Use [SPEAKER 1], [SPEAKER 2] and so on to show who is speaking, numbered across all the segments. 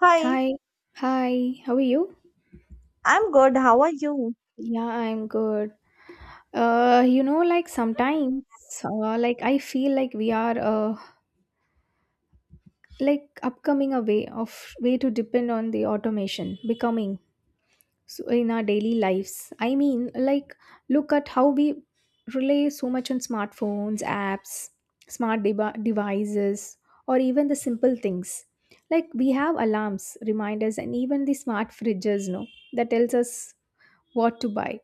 [SPEAKER 1] Hi,
[SPEAKER 2] Hi, hi, how are you?
[SPEAKER 1] I'm good. How are you?
[SPEAKER 2] Yeah, I'm good. You know, like sometimes, like I feel like we are like upcoming a way of way to depend on the automation becoming so in our daily lives. I mean, like look at how we rely so much on smartphones, apps, smart deba devices, or even the simple things. Like we have alarms, reminders, and even the smart fridges, no, that tells us what to buy.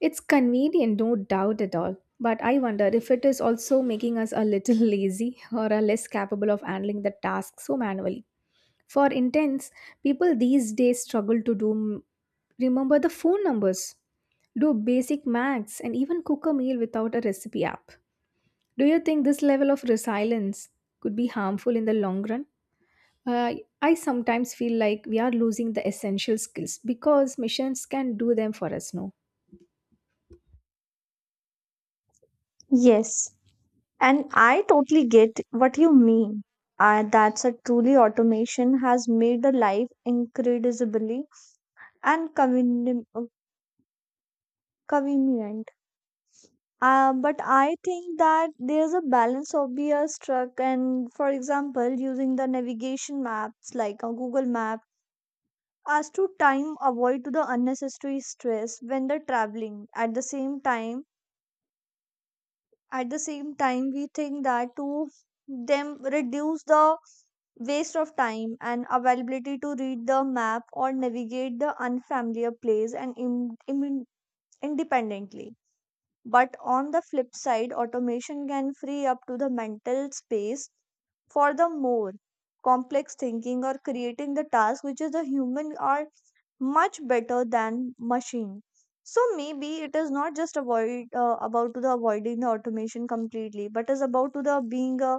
[SPEAKER 2] It's convenient, no doubt at all. But I wonder if it is also making us a little lazy or are less capable of handling the task so manually. For intense, people these days struggle to do remember the phone numbers, do basic maths, and even cook a meal without a recipe app. Do you think this level of resilience could be harmful in the long run? Uh, I sometimes feel like we are losing the essential skills because machines can do them for us, no?
[SPEAKER 1] Yes, and I totally get what you mean. That's a truly automation has made the life incredibly and convenient. But I think that there's a balance of be struck and for example using the navigation maps like a Google map as to time avoid to the unnecessary stress when they're traveling at the same time at the same time we think that to them reduce the waste of time and availability to read the map or navigate the unfamiliar place and independently, but on the flip side, automation can free up to the mental space for the more complex thinking or creating the task which is the human are much better than machine. So maybe it is not just avoid about to the avoiding the automation completely, but is about to the being a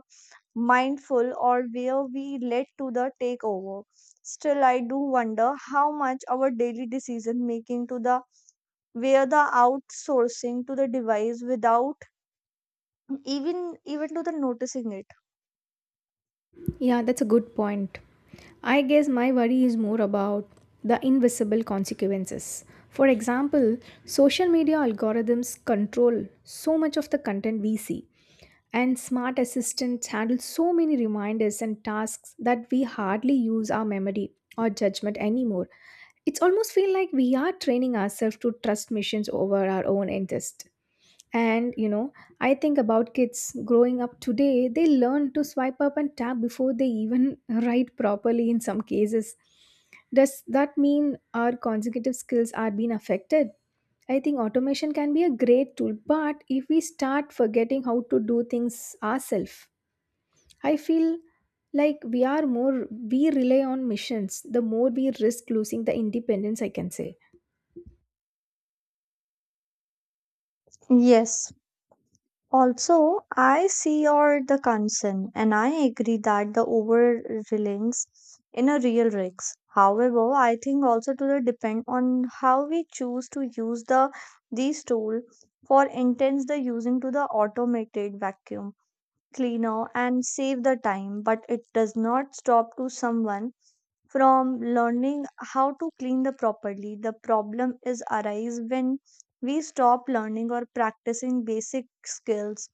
[SPEAKER 1] mindful or where we let to the take over. Still, I do wonder how much our daily decision making to the where the outsourcing to the device without even to the noticing it.
[SPEAKER 2] Yeah, that's a good point. I guess my worry is more about the invisible consequences. For example, social media algorithms control so much of the content we see, and smart assistants handle so many reminders and tasks that we hardly use our memory or judgment anymore. It's almost feel like we are training ourselves to trust machines over our own interest. And you know, I think about kids growing up today, they learn to swipe up and tap before they even write properly in some cases. Does that mean our consecutive skills are being affected? I think automation can be a great tool, but if we start forgetting how to do things ourselves, I feel like we are more, we rely on missions, the more we risk losing the independence, I can say.
[SPEAKER 1] Yes, also I see your the concern and I agree that the over reliance in a real rigs, however I think also to the depend on how we choose to use the these tool. For intense the using to the automated vacuum cleaner and save the time, but it does not stop to someone from learning how to clean the properly. The problem is arise when we stop learning or practicing basic skills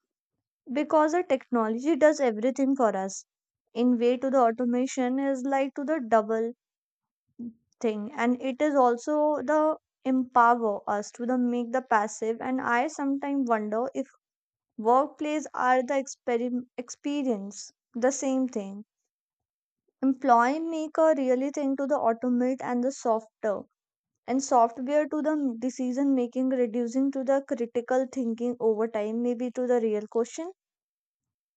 [SPEAKER 1] because the technology does everything for us. In way to the automation is like to the double thing, and it is also the empower us to the make the passive. And I sometimes wonder if workplace are the experience the same thing. Employee maker really thing to the automate and the softer and software to the decision making, reducing to the critical thinking over time. Maybe to the real question,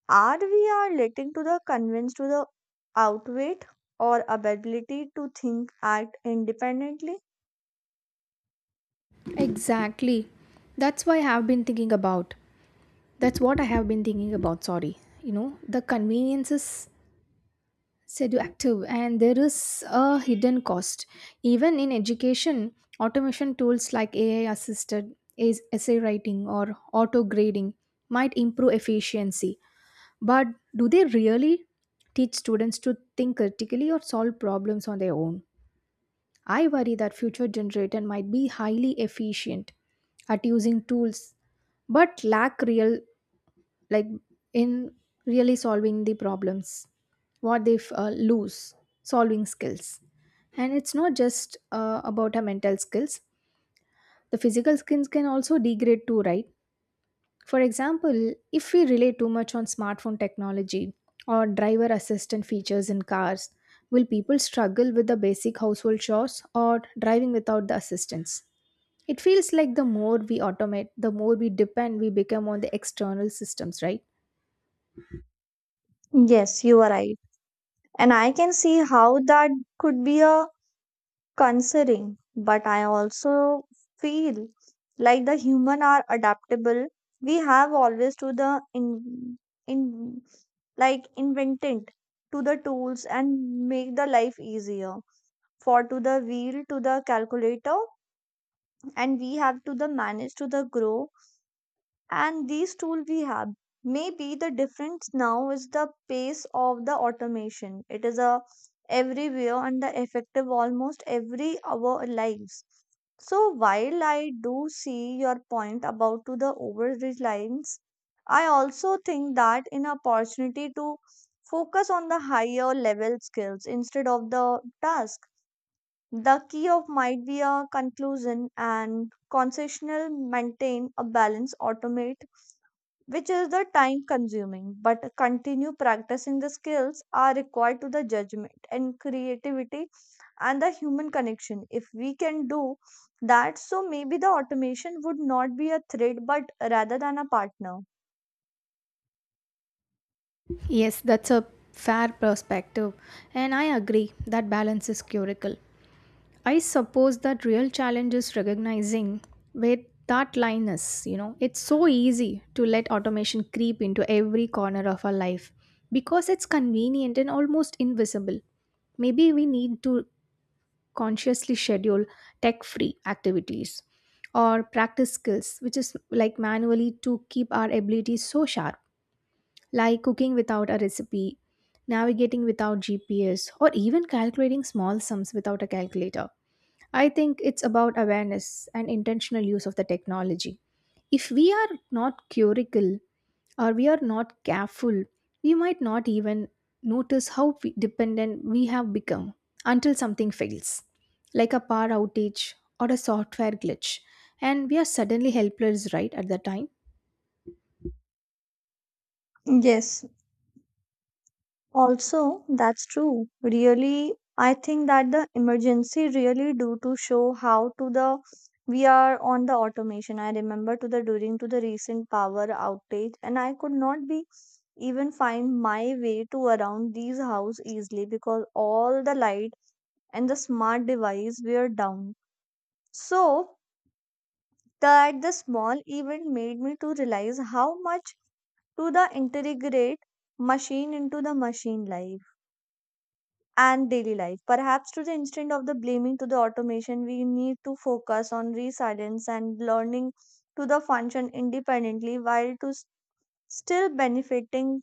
[SPEAKER 1] are we are letting to the convince to the outweigh or ability to think act independently?
[SPEAKER 2] Exactly. That's why I have been thinking about. That's what I have been thinking about, sorry. You know, the convenience is seductive and there is a hidden cost. Even in education, automation tools like AI assisted essay writing or auto grading might improve efficiency, but do they really teach students to think critically or solve problems on their own? I worry that future generation might be highly efficient at using tools but lack real, like, in really solving the problems what they lose solving skills. And it's not just about our mental skills, the physical skills can also degrade too, right? For example, if we rely too much on smartphone technology or driver assistant features in cars, will people struggle with the basic household chores or driving without the assistance? It feels like the more we automate, the more we depend, we become on the external systems, right?
[SPEAKER 1] Yes, you are right, and I can see how that could be a concerning, but I also feel like the human are adaptable. We have always to the in like invented to the tools and make the life easier. For to the wheel to the calculator, and we have to the manage to the grow, and these tools we have. Maybe the difference now is the pace of the automation. It is a everywhere and the effective almost every our lives. So while I do see your point about to the over reliance, I also think that an opportunity to focus on the higher level skills instead of the task. The key of might be a conclusion and concessional maintain a balance automate, which is the time consuming, but continue practicing the skills are required to the judgment and creativity and the human connection. If we can do that, so maybe the automation would not be a threat, but rather than a partner.
[SPEAKER 2] Yes, that's a fair perspective, and I agree that balance is curical. I suppose that real challenge is recognizing where that line is. You know, it's so easy to let automation creep into every corner of our life because it's convenient and almost invisible. Maybe we need to consciously schedule tech free activities or practice skills, which is like manually to keep our abilities so sharp, like cooking without a recipe, navigating without GPS, or even calculating small sums without a calculator. I think it's about awareness and intentional use of the technology. If we are not curical or we are not careful, we might not even notice how we- dependent we have become until something fails, like a power outage or a software glitch, and we are suddenly helpless right at the time.
[SPEAKER 1] Yes, also, that's true. Really, I think that the emergency really do to show how to the we are on the automation. I remember to the during to the recent power outage, and I could not be even find my way to around these house easily because all the light and the smart device were down. So that the small event made me to realize how much to the integrate machine into the machine life and daily life. Perhaps to the instant of the blaming to the automation, we need to focus on resilience and learning to the function independently still benefiting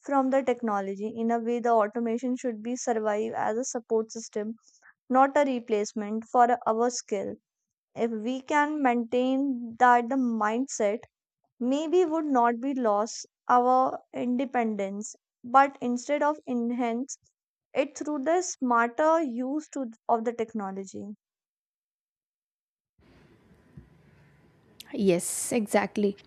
[SPEAKER 1] from the technology. In a way, the automation should be survive as a support system, not a replacement for our skill. If we can maintain that the mindset, maybe would not be lost our independence, but instead of enhance it through the smarter use of the technology.
[SPEAKER 2] Yes, exactly.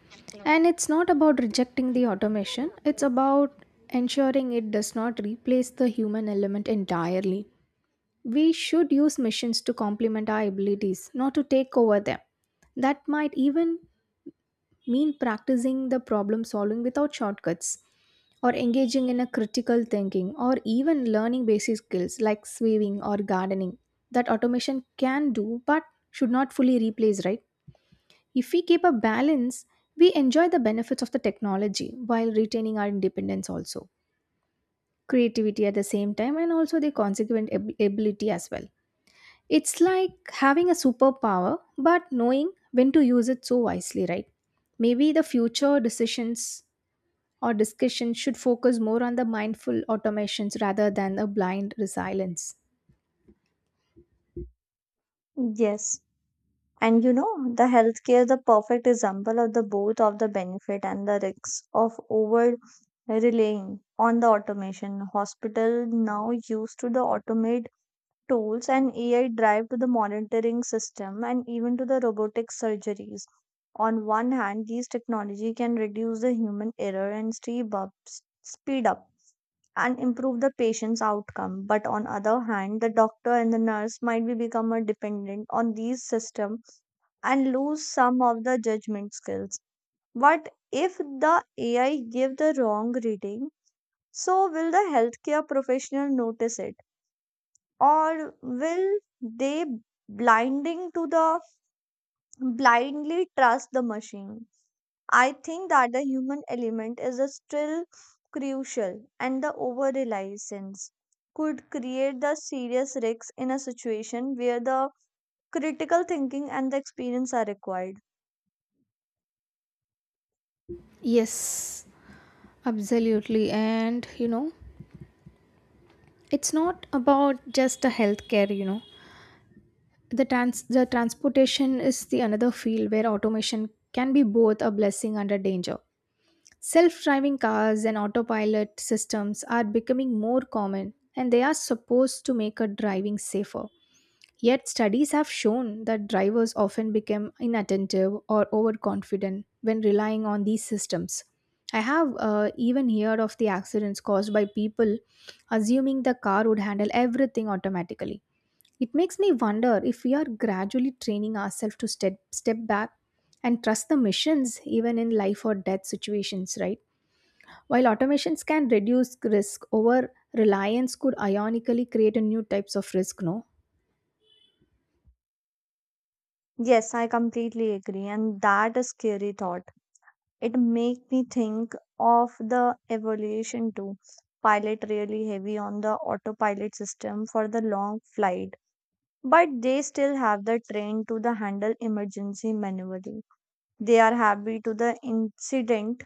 [SPEAKER 2] And it's not about rejecting the automation, it's about ensuring it does not replace the human element entirely. We should use machines to complement our abilities, not to take over them. That might even mean practicing the problem solving without shortcuts or engaging in a critical thinking or even learning basic skills like sewing or gardening that automation can do but should not fully replace, right? If we keep a balance, we enjoy the benefits of the technology while retaining our independence, also creativity at the same time and also the consequent ab- ability as well. It's like having a superpower but knowing when to use it so wisely, right? Maybe the future decisions, our discussion should focus more on the mindful automations rather than a blind resilience.
[SPEAKER 1] Yes. And you know, the healthcare is the perfect example of the both of the benefit and the risks of over relying on the automation. Hospital now used to the automate tools and AI drive to the monitoring system and even to the robotic surgeries. On one hand, these technology can reduce the human error and speed up and improve the patient's outcome. But on other hand, the doctor and the nurse might be become a dependent on these systems and lose some of the judgment skills. What if the AI give the wrong reading? So will the healthcare professional notice it? Or will they blinding to the blindly trust the machine? I think that the human element is a still crucial, and the over reliance could create the serious risks in a situation where the critical thinking and the experience are required.
[SPEAKER 2] Yes, absolutely. And you know, it's not about just the healthcare, you know. The transportation is the another field where automation can be both a blessing and a danger. Self-driving cars and autopilot systems are becoming more common and they are supposed to make a driving safer. Yet, studies have shown that drivers often become inattentive or overconfident when relying on these systems. I have even heard of the accidents caused by people assuming the car would handle everything automatically. It makes me wonder if we are gradually training ourselves to step back and trust the missions even in life or death situations, right? While automations can reduce risk, over reliance could ironically create a new types of risk, no?
[SPEAKER 1] Yes, I completely agree, and that is scary thought. It make me think of the evolution too. Pilot really heavy on the autopilot system for the long flight, but they still have the train to the handle emergency manually. They are happy to the incident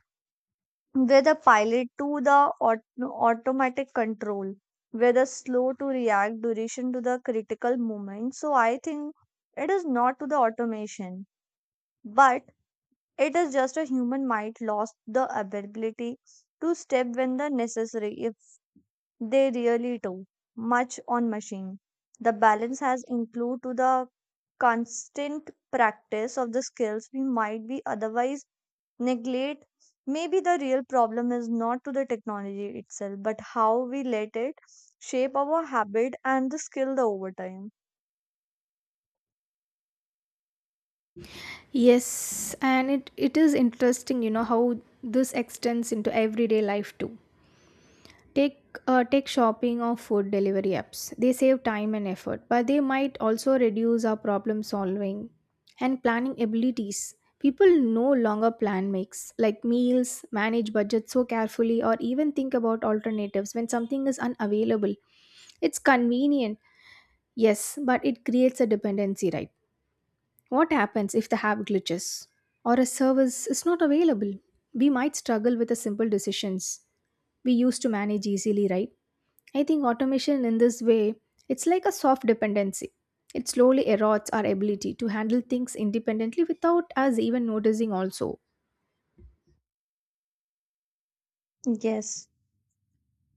[SPEAKER 1] where the pilot to the automatic control where the slow to react duration to the critical moment. So I think it is not to the automation, but it is just a human might lost the ability to step when the necessary if they really do much on machine. The balance has include to the constant practice of the skills we might be otherwise neglect. Maybe the real problem is not to the technology itself, but how we let it shape our habit and the skill over time.
[SPEAKER 2] Yes, and it is interesting, you know, how this extends into everyday life too. Take take shopping or food delivery apps. They save time and effort, but they might also reduce our problem solving and planning abilities. People no longer plan makes like meals, manage budget so carefully, or even think about alternatives when something is unavailable. It's convenient, yes, but it creates a dependency, right? What happens if the app glitches or a service is not available? We might struggle with the simple decisions we used to manage easily, right? I think automation in this way, it's like a soft dependency. It slowly erodes our ability to handle things independently without us even noticing also.
[SPEAKER 1] Yes.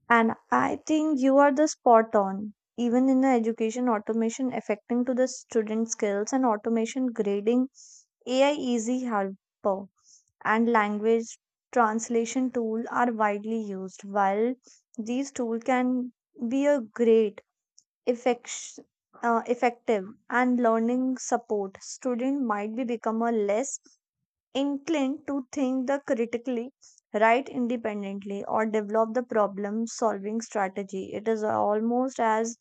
[SPEAKER 1] And I think you are the spot on. Even in the education automation affecting to the student skills and automation grading, AI easy helper and language translation tool are widely used. While these tools can be a effect, effective and learning support, student might be become a less inclined to think the critically, write independently, or develop the problem solving strategy. It is almost as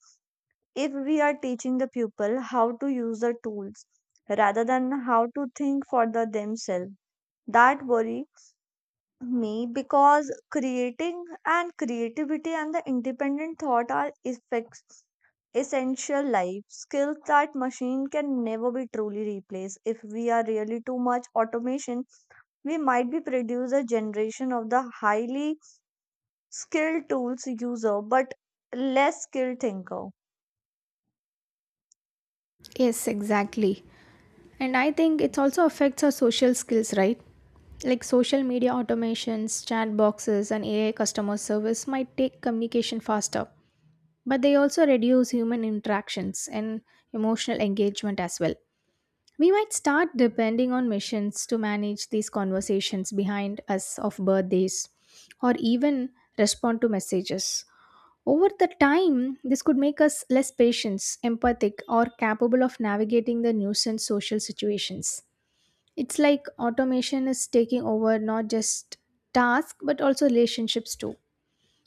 [SPEAKER 1] if we are teaching the pupil how to use the tools rather than how to think for the themselves. That worry me because creating and creativity and the independent thought are effects essential life skills that machine can never be truly replaced. If we are really too much automation, we might be produce a generation of the highly skilled tools user, but less skilled thinker.
[SPEAKER 2] Yes, exactly. And I think it also affects our social skills, right? Like social media automations, chat boxes, and AI customer service might take communication faster, but they also reduce human interactions and emotional engagement as well. We might start depending on machines to manage these conversations behind us of birthdays or even respond to messages. Over the time, this could make us less patient, empathic, or capable of navigating the nuisance social situations. It's like automation is taking over not just tasks but also relationships too.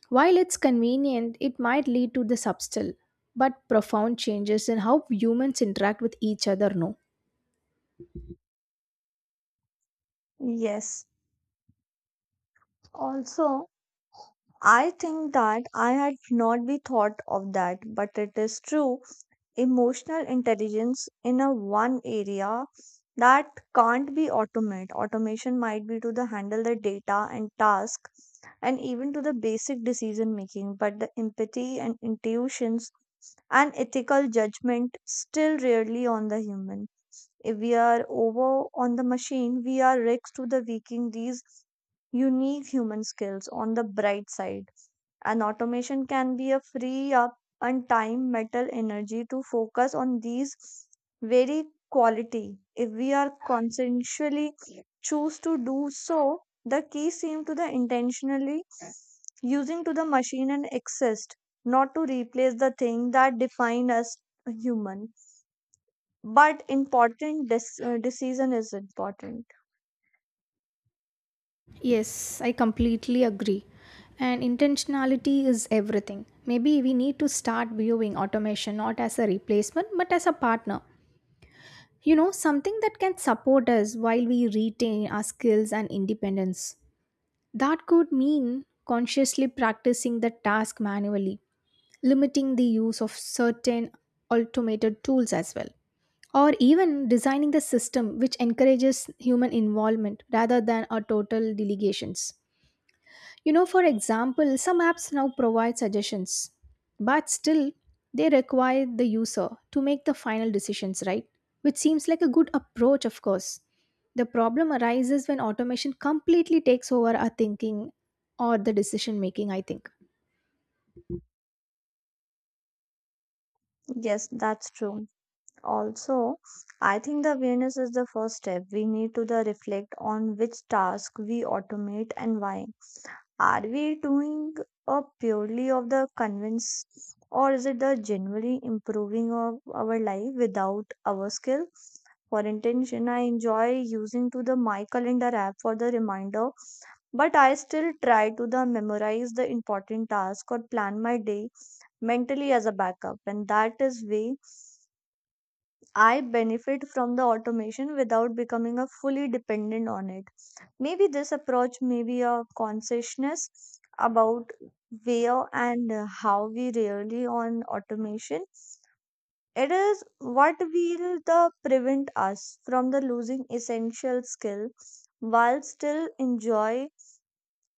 [SPEAKER 2] While it's convenient, it might lead to the subtle but profound changes in how humans interact with each other. No.
[SPEAKER 1] Yes. Also, I think that I had not be thought of that, but it is true. Emotional intelligence in a one area that can't be automate automation might be to the handle the data and task and even to the basic decision making, but the empathy and intuitions and ethical judgment still rarely on the human. If we are over on the machine, we are risk to the weakening these unique human skills. On the bright side, and automation can be a free up and time metal energy to focus on these very quality if we are conscientiously choose to do so. The key seem to the intentionally using to the machine and exist, not to replace the thing that define us human, but important decision is important.
[SPEAKER 2] Yes, I completely agree. And intentionality is everything. Maybe we need to start viewing automation not as a replacement but as a partner. You know, something that can support us while we retain our skills and independence. That could mean consciously practicing the task manually, limiting the use of certain automated tools as well, or even designing the system which encourages human involvement rather than a total delegations. You know, for example, some apps now provide suggestions, but still they require the user to make the final decisions, right? Which seems like a good approach. Of course, the problem arises when automation completely takes over our thinking or the decision making, I think.
[SPEAKER 1] Yes, that's true. Also, I think the awareness is the first step. We need to the reflect on which task we automate and why. Are we doing a purely of the convince, or is it the genuinely improving of our life without our skill? For intention, I enjoy using to the my calendar app for the reminder, but I still try to the memorize the important task or plan my day mentally as a backup, and that is way I benefit from the automation without becoming a fully dependent on it. Maybe this approach may be a consciousness about where and how we really on automation. It is what will the prevent us from the losing essential skill while still enjoy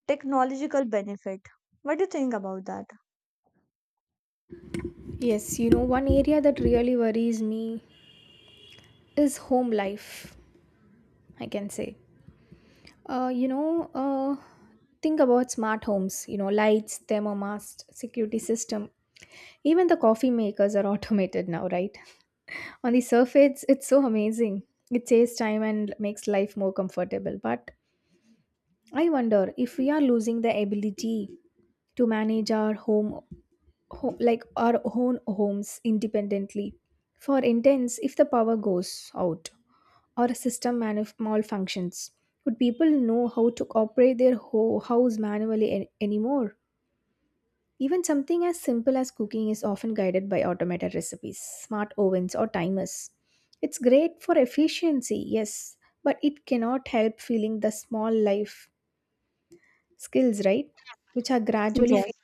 [SPEAKER 1] technological benefit. What do you think about that?
[SPEAKER 2] Yes, you know, one area that really worries me is home life, I can say. You know, think about smart homes, you know, lights, thermomast, security system. Even the coffee makers are automated now, right? On the surface, it's so amazing. It saves time and makes life more comfortable. But I wonder if we are losing the ability to manage our home, ho- like our own homes independently. For instance, if the power goes out or a system manuf- malfunctions. Would people know how to operate their ho- house manually an- anymore? Even something as simple as cooking is often guided by automated recipes, smart ovens, or timers. It's great for efficiency, yes, but it cannot help feeling the small life skills, right? Which are gradually
[SPEAKER 1] Yes.
[SPEAKER 2] fading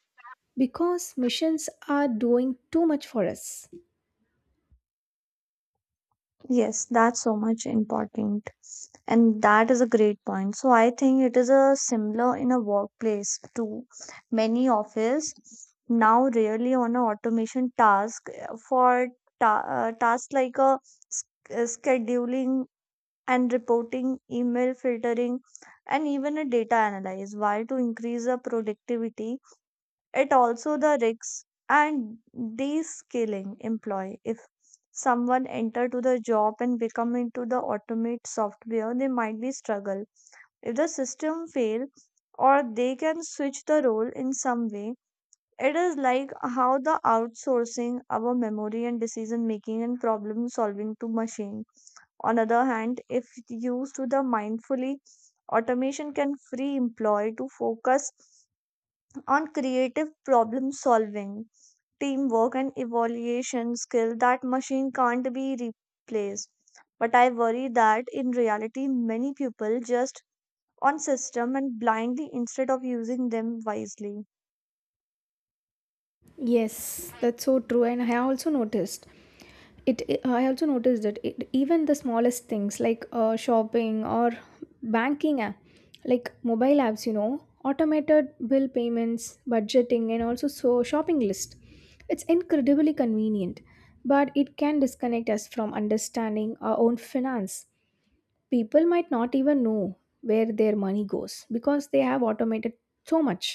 [SPEAKER 2] because machines are doing too much for us.
[SPEAKER 1] Yes, that's so much important. And that is a great point, so I think it is a similar in a workplace to many office now really on a automation task, for tasks like a scheduling and reporting email filtering and even a data analyze while to increase the productivity. It also the risks and de-skilling employee. If someone enter to the job and become into the automate software, they might be struggle. If the system fail or they can switch the role in some way, it is like how the outsourcing our memory and decision making and problem solving to machine. On other hand, if used to the mindfully, automation can free employee to focus on creative problem solving teamwork and evaluation skill that machine can't be replaced, but I worry that in reality many people just on system and blindly instead of using them wisely.
[SPEAKER 2] Yes, that's so true. And I also noticed I also noticed that it, even the smallest things like shopping or banking app, like mobile apps, you know, automated bill payments, budgeting, and also so shopping list. It's incredibly convenient, but it can disconnect us from understanding our own finance. People might not even know where their money goes because they have automated so much.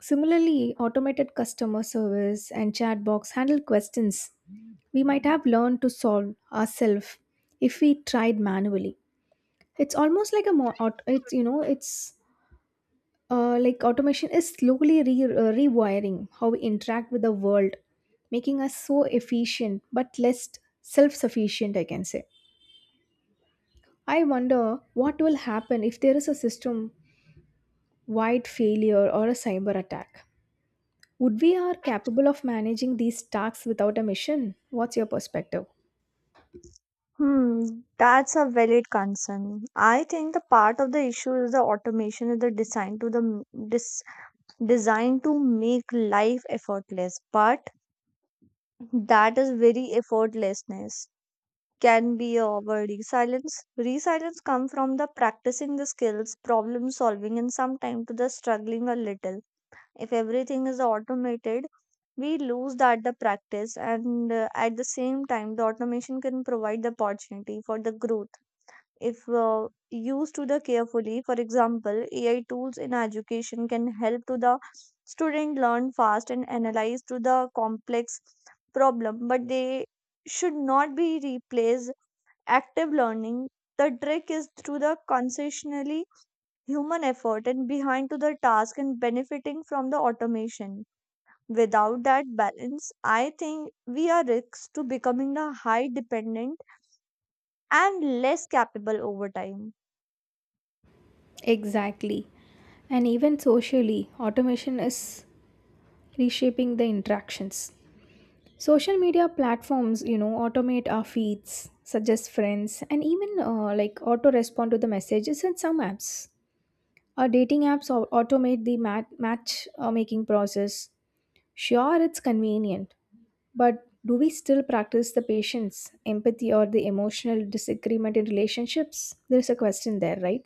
[SPEAKER 2] Similarly, automated customer service and chat box handle questions we might have learned to solve ourselves if we tried manually. It's almost like a more, it's you know it's like automation is slowly rewiring how we interact with the world, making us so efficient but less self-sufficient, I can say. I wonder what will happen if there is a system wide failure or a cyber attack. Would we are capable of managing these tasks without a mission? What's your perspective?
[SPEAKER 1] Hmm, that's a valid concern. I think the part of the issue is the automation is the design to the designed to make life effortless, but that is very effortlessness can be avoiding silence. Resilience come from the practicing the skills, problem solving, and sometimes to the struggling a little. If everything is automated, we lose that the practice, and at the same time, the automation can provide the opportunity for the growth if used to the carefully. For example, AI tools in education can help to the student learn fast and analyze to the complex problem, but they should not be replaced active learning, the trick is through the consciously human effort and behind to the task and benefiting from the automation. Without that balance, I think we are risks to becoming the high dependent and less capable over time.
[SPEAKER 2] Exactly. And even socially, automation is reshaping the interactions. Social media platforms, you know, automate our feeds, suggest friends, and even like auto respond to the messages in some apps. Our dating apps automate the match making process. Sure, it's convenient, but do we still practice the patience, empathy, or the emotional disagreement in relationships? There's a question there, right?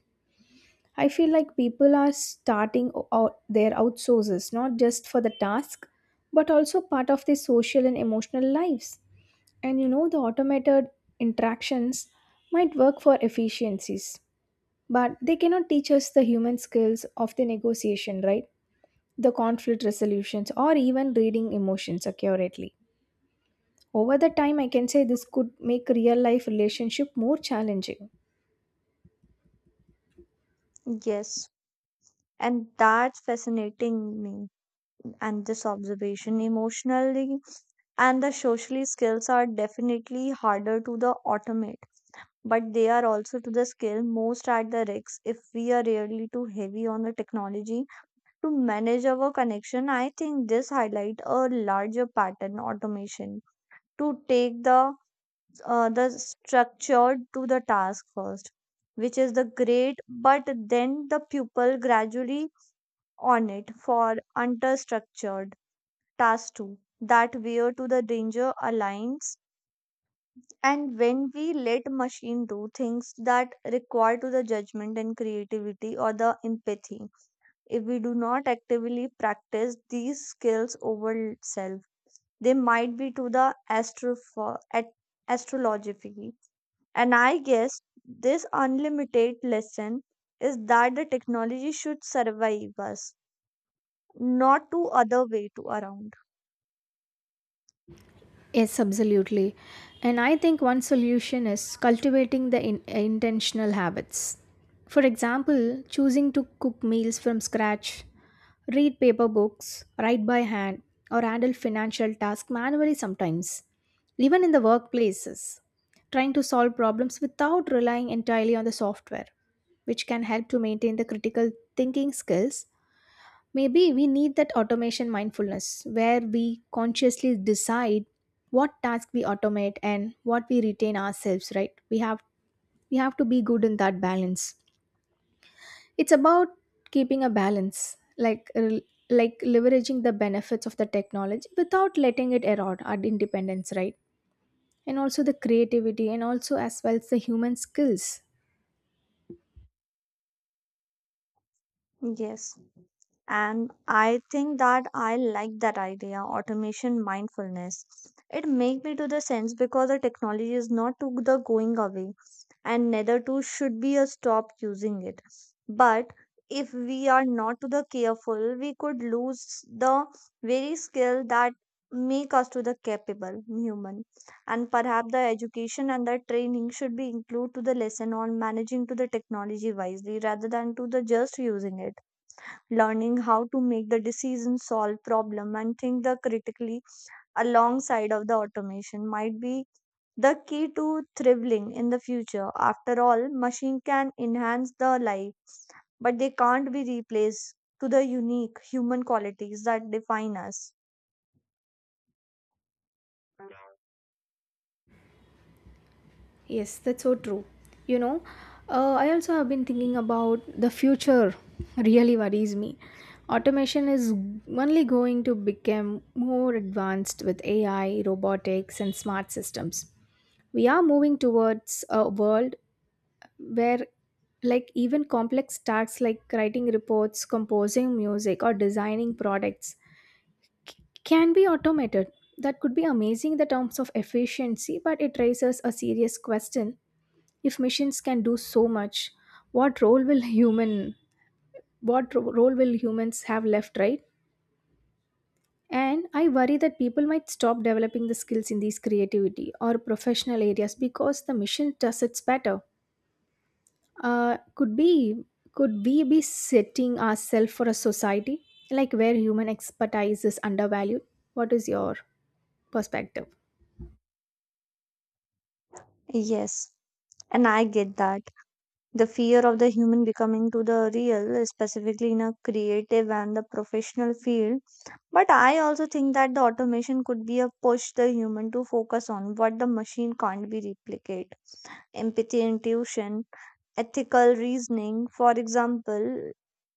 [SPEAKER 2] I feel like people are starting out their outsources not just for the task but also part of their social and emotional lives. And you know, the automated interactions might work for efficiencies, but they cannot teach us the human skills of the negotiation, right? The conflict resolutions or even reading emotions accurately. Over the time, I can say this could make real life relationship more challenging.
[SPEAKER 1] Yes. And that's fascinating me and this observation emotionally and the socially skills are definitely harder to the automate, but they are also to the skill most at the risk if we are really too heavy on the technology to manage our connection. I think this highlight a larger pattern automation to take the structure to the task first, which is the great, but then the pupil gradually on it for understructured task too. That where to the danger aligns. And when we let machine do things that require to the judgment and creativity or the empathy, if we do not actively practice these skills over self, they might be to the astrology. And I guess this unlimited lesson is that the technology should survive us, not to other way to around.
[SPEAKER 2] Yes, absolutely. And I think one solution is cultivating the intentional habits. For example, choosing to cook meals from scratch, read paper books, write by hand, or handle financial tasks manually sometimes. Even in the workplaces, trying to solve problems without relying entirely on the software, which can help to maintain the critical thinking skills. Maybe we need that automation mindfulness where we consciously decide what task we automate and what we retain ourselves, right? We have to be good in that balance. It's about keeping a balance, like leveraging the benefits of the technology without letting it erode our independence, right? And also the creativity and also as well as the human skills.
[SPEAKER 1] Yes. And I think that I like that idea, automation mindfulness. It make me to the sense because the technology is not to the going away, and neither to should be a stop using it. But if we are not to the careful, we could lose the very skill that make us to the capable human. And perhaps the education and the training should be include to the lesson on managing to the technology wisely rather than to the just using it, learning how to make the decision solve problem and think the critically alongside of the automation might be the key to thriving in the future. After all, machine can enhance the life, but they can't be replaced to the unique human qualities that define us.
[SPEAKER 2] Yes, that's so true. You know, I also have been thinking about the future, really worries me. Automation is only going to become more advanced with AI, robotics, and smart systems. We are moving towards a world where, like, even complex tasks like writing reports, composing music, or designing products c- can be automated. That could be amazing in the terms of efficiency, but it raises a serious question. If machines can do so much, what role will role will humans have left, right? And I worry that people might stop developing the skills in these creativity or professional areas because the machine does its better. Uh, could be could we be setting ourselves for a society like where human expertise is undervalued? What is your perspective?
[SPEAKER 1] Yes, and I get that the fear of the human becoming to the real, specifically in a creative and the professional field. But I also think that the automation could be a push the human to focus on what the machine can't be replicate. Empathy, intuition, ethical reasoning. For example,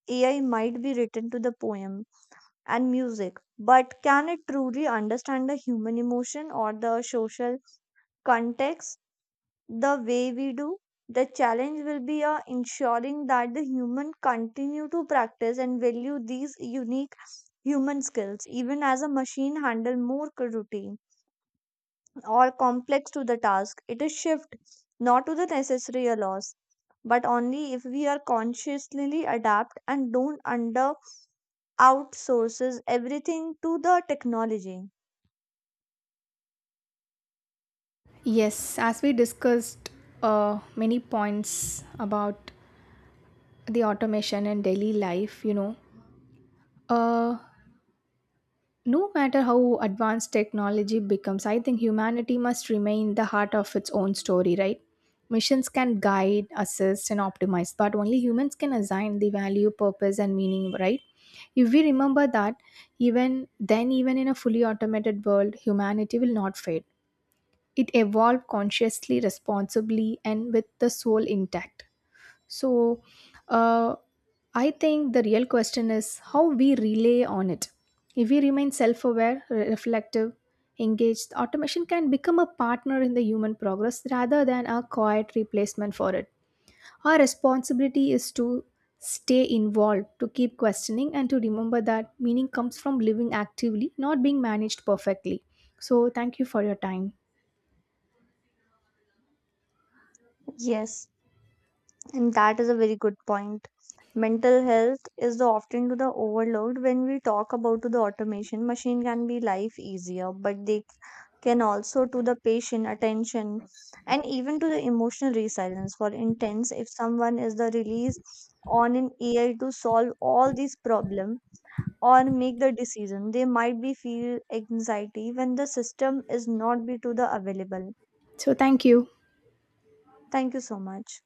[SPEAKER 1] AI might be written to the poem and music, but can it truly understand the human emotion or the social context the way we do? The challenge will be ensuring that the human continue to practice and value these unique human skills, even as a machine, handle more routine or complex to the task. It is shift not to the necessary a loss, but only if we are consciously adapt and don't under outsources everything to the technology.
[SPEAKER 2] Yes, as we discussed many points about the automation in daily life, you know, Uh, no matter how advanced technology becomes, I think humanity must remain the heart of its own story, right? Missions can guide, assist, and optimize, but only humans can assign the value, purpose, and meaning, right? If we remember that, even then, even in a fully automated world, humanity will not fade. It evolved consciously, responsibly, and with the soul intact. So, uh, I think the real question is how we relay on it. If we remain self aware, reflective, engaged, automation can become a partner in the human progress rather than a quiet replacement for it. Our responsibility is to stay involved, to keep questioning, and to remember that meaning comes from living actively, not being managed perfectly. So, thank you for your time.
[SPEAKER 1] Yes, and that is a very good point. Mental health is the often to the overload when we talk about to the automation. Machine can be life easier, but they can also to the patient attention and even to the emotional resilience for intense if someone is the release on an AI to solve all these problem or make the decision, they might be feel anxiety when the system is not be to the available.
[SPEAKER 2] So, thank you.
[SPEAKER 1] Thank you so much.